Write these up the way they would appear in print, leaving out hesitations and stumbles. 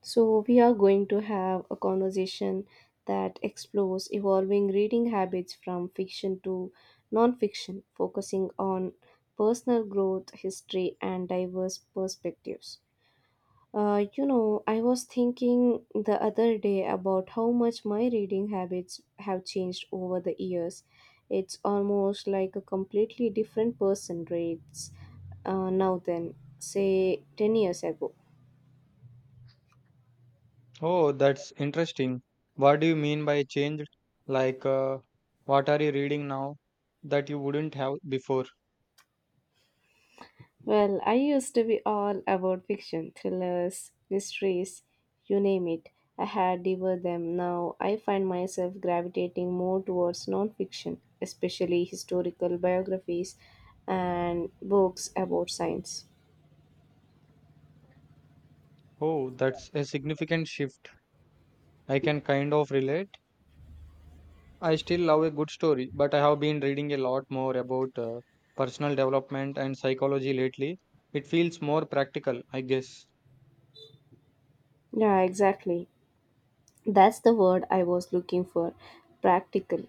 So, we are going to have a conversation that explores evolving reading habits from fiction to nonfiction, focusing on personal growth, history, and diverse perspectives. I was thinking the other day about how much my reading habits have changed over the years. It's almost like a completely different person reads now than, say, 10 years ago. Oh, that's interesting. What do you mean by changed? Like, what are you reading now that you wouldn't have before? Well, I used to be all about fiction, thrillers, mysteries, you name it. I had devoured them. Now I find myself gravitating more towards non-fiction, especially historical biographies and books about science. Oh, that's a significant shift. I can kind of relate. I still love a good story, but I have been reading a lot more about personal development and psychology lately. It feels more practical, I guess. Yeah, exactly. That's the word I was looking for. Practical.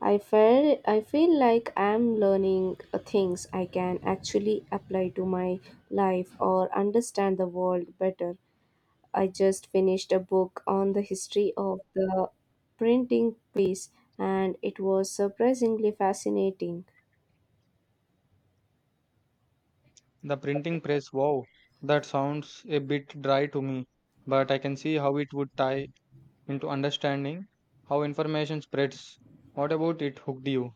I feel like I'm learning things I can actually apply to my life or understand the world better. I just finished a book on the history of the printing press, and it was surprisingly fascinating. The printing press, wow, that sounds a bit dry to me, but I can see how it would tie into understanding how information spreads. What about it hooked you?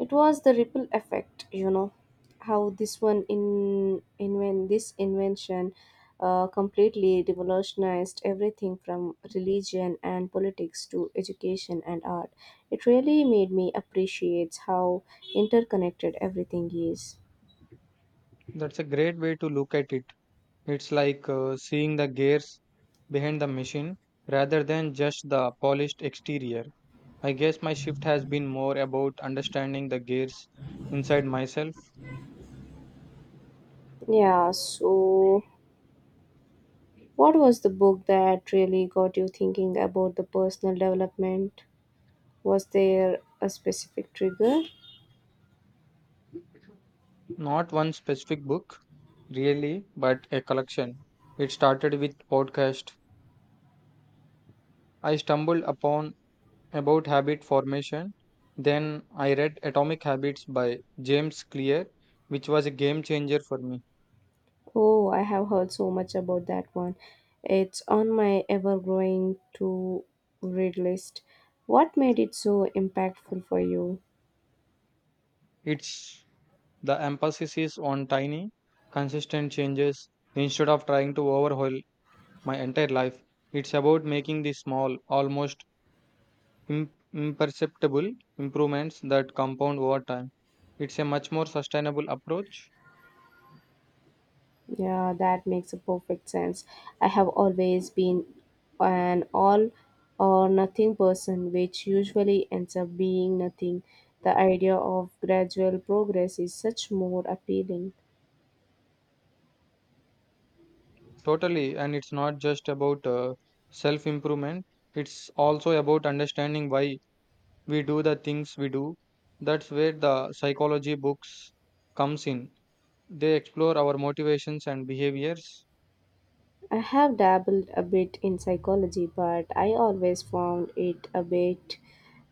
It was the ripple effect, you know, how this invention completely revolutionized everything from religion and politics to education and art. It really made me appreciate how interconnected everything is. That's a great way to look at it. It's like seeing the gears behind the machine rather than just the polished exterior. I guess my shift has been more about understanding the gears inside myself, Yeah, so what was the book that really got you thinking about the personal development? Was there a specific trigger? not one specific book, really, but a collection. It started with podcast I stumbled upon about habit formation. Then I read Atomic Habits by James Clear, which was a game changer for me. Oh, I have heard so much about that one. It's on my ever growing to read list. What made it so impactful for you? It's the emphasis is on tiny, consistent changes instead of trying to overhaul my entire life. It's about making the small, almost imperceptible improvements that compound over time. It's a much more sustainable approach. Yeah, that makes a perfect sense. I have always been an all or nothing person, which usually ends up being nothing. The idea of gradual progress is such more appealing. Totally, and it's not just about self improvement, it's also about understanding why we do the things we do. That's where the psychology books comes in. They explore our motivations and behaviors. I have dabbled a bit in psychology, but I always found it a bit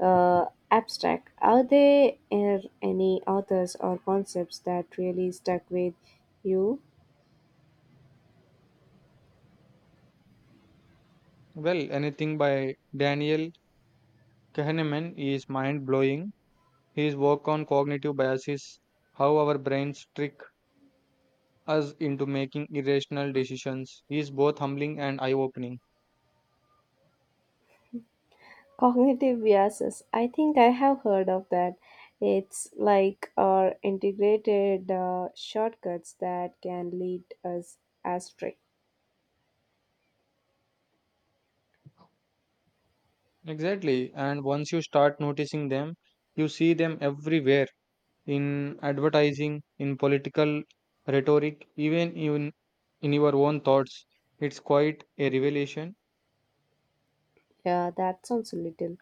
abstract. Are there any authors or concepts that really stuck with you? Well, anything by Daniel Kahneman is mind blowing. His work on cognitive biases, how our brains trick us into making irrational decisions, is both humbling and eye opening. Cognitive biases. I think I have heard of that. It's like our integrated shortcuts that can lead us astray. Exactly, and once you start noticing them, you see them everywhere in advertising, in political rhetoric, even in your own thoughts. It's quite a revelation. Yeah, that sounds a little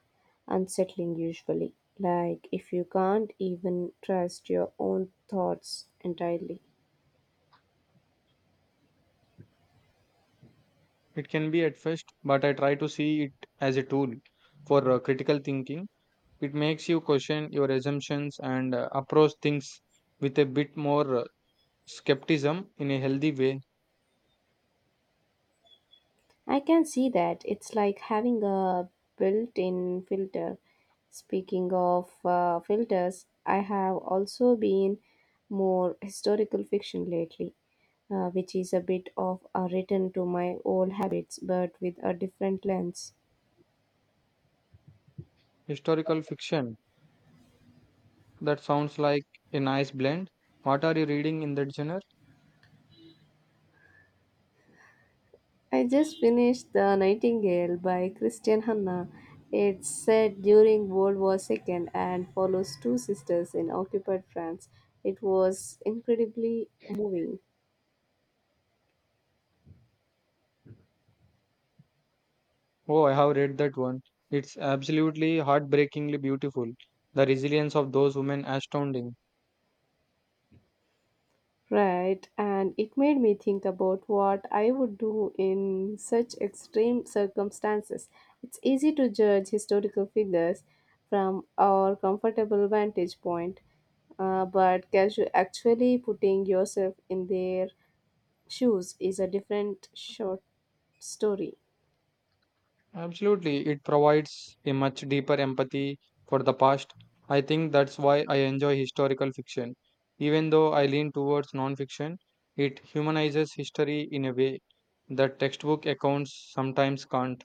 unsettling usually. Like if you can't even trust your own thoughts entirely. It can be at first, but I try to see it as a tool for critical thinking. It makes you question your assumptions and approach things with a bit more skepticism in a healthy way. I can see that. It's like having a built in filter. Speaking of filters, I have also been more historical fiction lately, which is a bit of a return to my old habits but with a different lens. Historical fiction, that sounds like a nice blend. What are you reading in that genre? I just finished The Nightingale by Christian Hanna. It's set during World War II and follows two sisters in occupied France. It was incredibly moving. Oh, I have read that one. It's absolutely heartbreakingly beautiful. The resilience of those women astounding. Right, and it made me think about what I would do in such extreme circumstances. It's easy to judge historical figures from our comfortable vantage point, but actually putting yourself in their shoes is a different short story. Absolutely, it provides a much deeper empathy for the past. I think that's why I enjoy historical fiction. Even though I lean towards non-fiction, it humanizes history in a way that textbook accounts sometimes can't.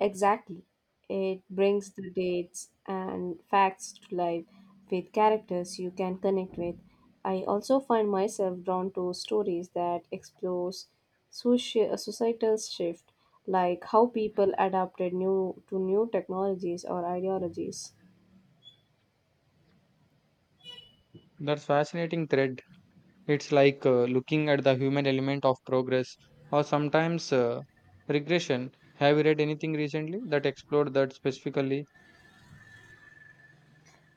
Exactly. It brings the dates and facts to life with characters you can connect with. I also find myself drawn to stories that explores societal shift, like how people adapted new technologies or ideologies. That's fascinating thread. It's like looking at the human element of progress or sometimes regression. Have you read anything recently that explored that specifically?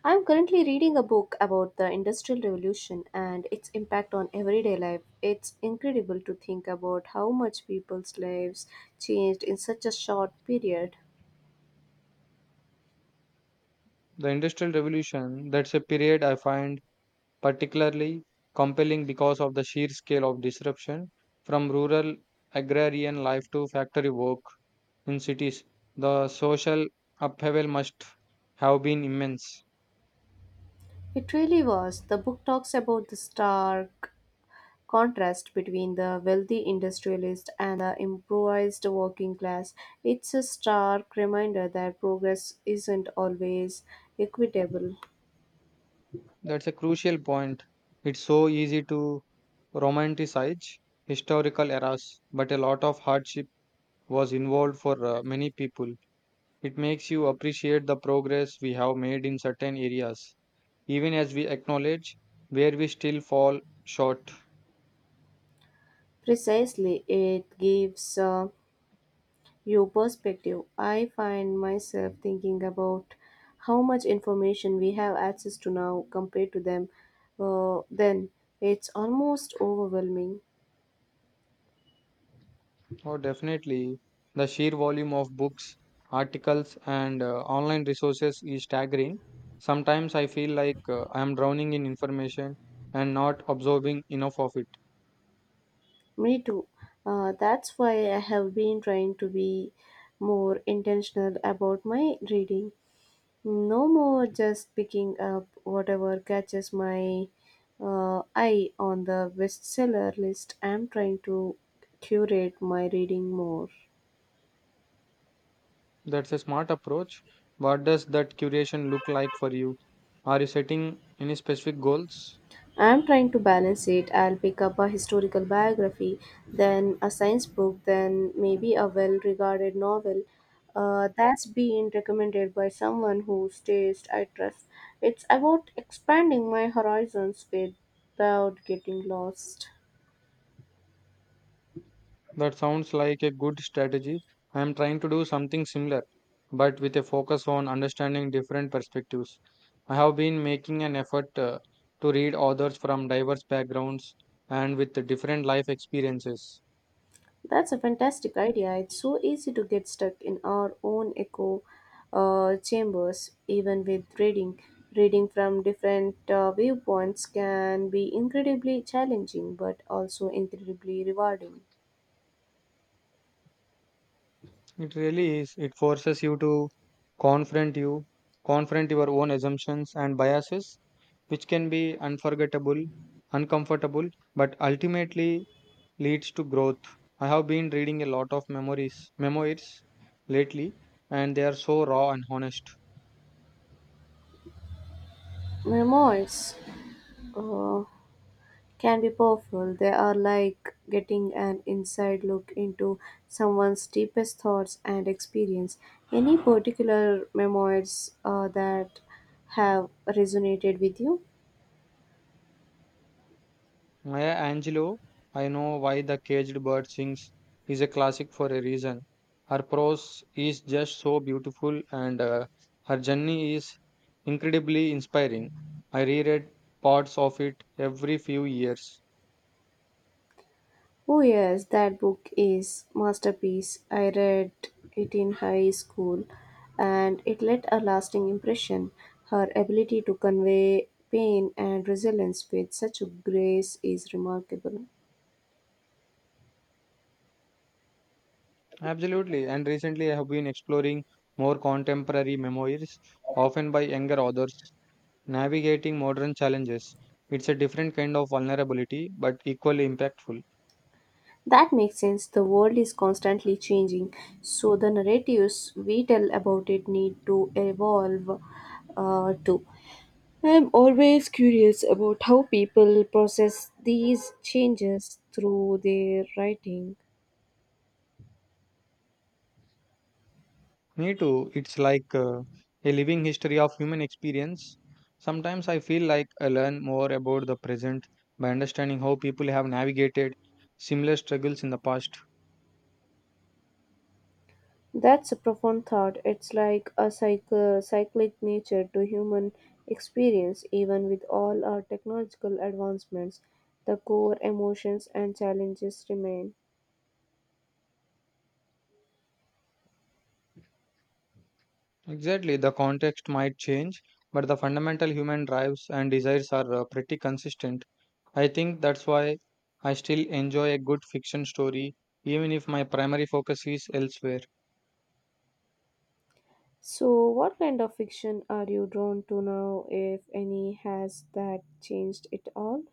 I'm currently reading a book about the Industrial Revolution and its impact on everyday life. It's incredible to think about how much people's lives changed in such a short period. The Industrial Revolution, that's a period I find particularly compelling because of the sheer scale of disruption from rural agrarian life to factory work in cities. The social upheaval must have been immense. It really was. The book talks about the stark contrast between the wealthy industrialist and the improvised working class. It's a stark reminder that progress isn't always equitable. That's a crucial point. It's so easy to romanticize historical eras, but a lot of hardship was involved for many people. It makes you appreciate the progress we have made in certain areas, even as we acknowledge where we still fall short. Precisely, it gives you perspective. I find myself thinking about how much information we have access to now compared to them then. It's almost overwhelming. Oh, definitely. The sheer volume of books, articles, and online resources is staggering. Sometimes I feel like I am drowning in information and not absorbing enough of it. Me too. That's why I have been trying to be more intentional about my reading. No more just picking up whatever catches my eye on the bestseller list. I'm trying to curate my reading more. That's a smart approach. What does that curation look like for you? Are you setting any specific goals? I'm trying to balance it. I'll pick up a historical biography, then a science book, then maybe a well regarded novel that's been recommended by someone whose taste I trust. It's about expanding my horizons without getting lost. That sounds like a good strategy. I am trying to do something similar, but with a focus on understanding different perspectives. I have been making an effort to read authors from diverse backgrounds and with different life experiences. That's a fantastic idea. It's so easy to get stuck in our own echo chambers, even with reading. Reading from different viewpoints can be incredibly challenging but also incredibly rewarding. It really is. It forces you to confront you, confront your own assumptions and biases, which can be unforgettable, uncomfortable, but ultimately leads to growth. I have been reading a lot of memoirs lately, and they are so raw and honest. Memoirs uh, can be powerful. They are like getting an inside look into someone's deepest thoughts and experience. Any particular memoirs that have resonated with you? Maya Angelou, I know why the caged bird sings, is a classic for a reason. Her prose is just so beautiful and her journey is incredibly inspiring. I reread parts of it every few years. Oh yes, that book is masterpiece. I read it in high school and it left a lasting impression. Her ability to convey pain and resilience with such a grace is remarkable. Absolutely, and recently I have been exploring more contemporary memoirs, often by younger authors, navigating modern challenges. It's a different kind of vulnerability, but equally impactful. That makes sense. The world is constantly changing, so the narratives we tell about it need to evolve too. I'm always curious about how people process these changes through their writing. Me too. It's like a living history of human experience. Sometimes I feel like I learn more about the present by understanding how people have navigated similar struggles in the past. That's a profound thought. It's like a cycle, cyclic nature to human experience, even with all our technological advancements, the core emotions and challenges remain. Exactly, the context might change, but the fundamental human drives and desires are pretty consistent. I think that's why I still enjoy a good fiction story, even if my primary focus is elsewhere. So, what kind of fiction are you drawn to now, if any? Has that changed at all?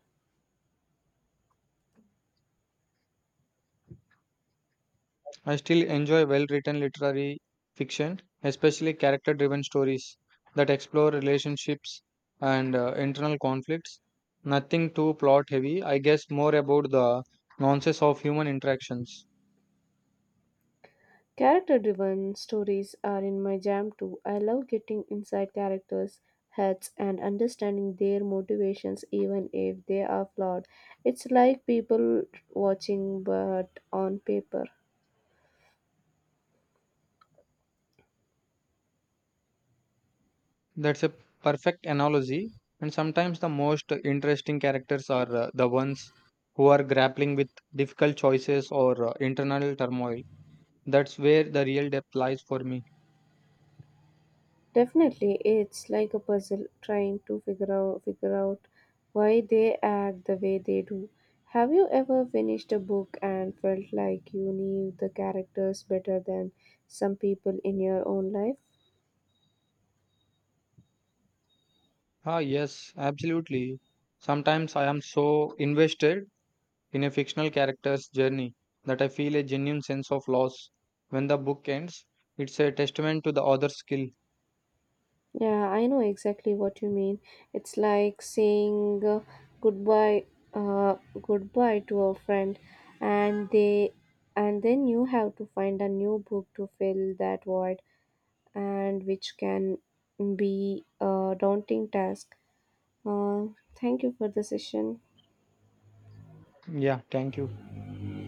I still enjoy well written literary fiction, especially character driven stories that explore relationships and internal conflicts. Nothing too plot heavy, I guess more about the nuances of human interactions. Character driven stories are in my jam too. I love getting inside characters' heads and understanding their motivations, even if they are flawed. It's like people watching, but on paper. That's a perfect analogy, and sometimes the most interesting characters are the ones who are grappling with difficult choices or internal turmoil. That's where the real depth lies for me. Definitely, it's like a puzzle trying to figure out why they act the way they do. Have you ever finished a book and felt like you knew the characters better than some people in your own life? Ah, yes, absolutely. Sometimes I am so invested in a fictional character's journey that I feel a genuine sense of loss when the book ends. It's a testament to the author's skill. Yeah, I know exactly what you mean. It's like saying goodbye, uh, goodbye to a friend, and they, and then you have to find a new book to fill that void, and which can be a daunting task. Uh, Thank you for the session. Yeah, thank you.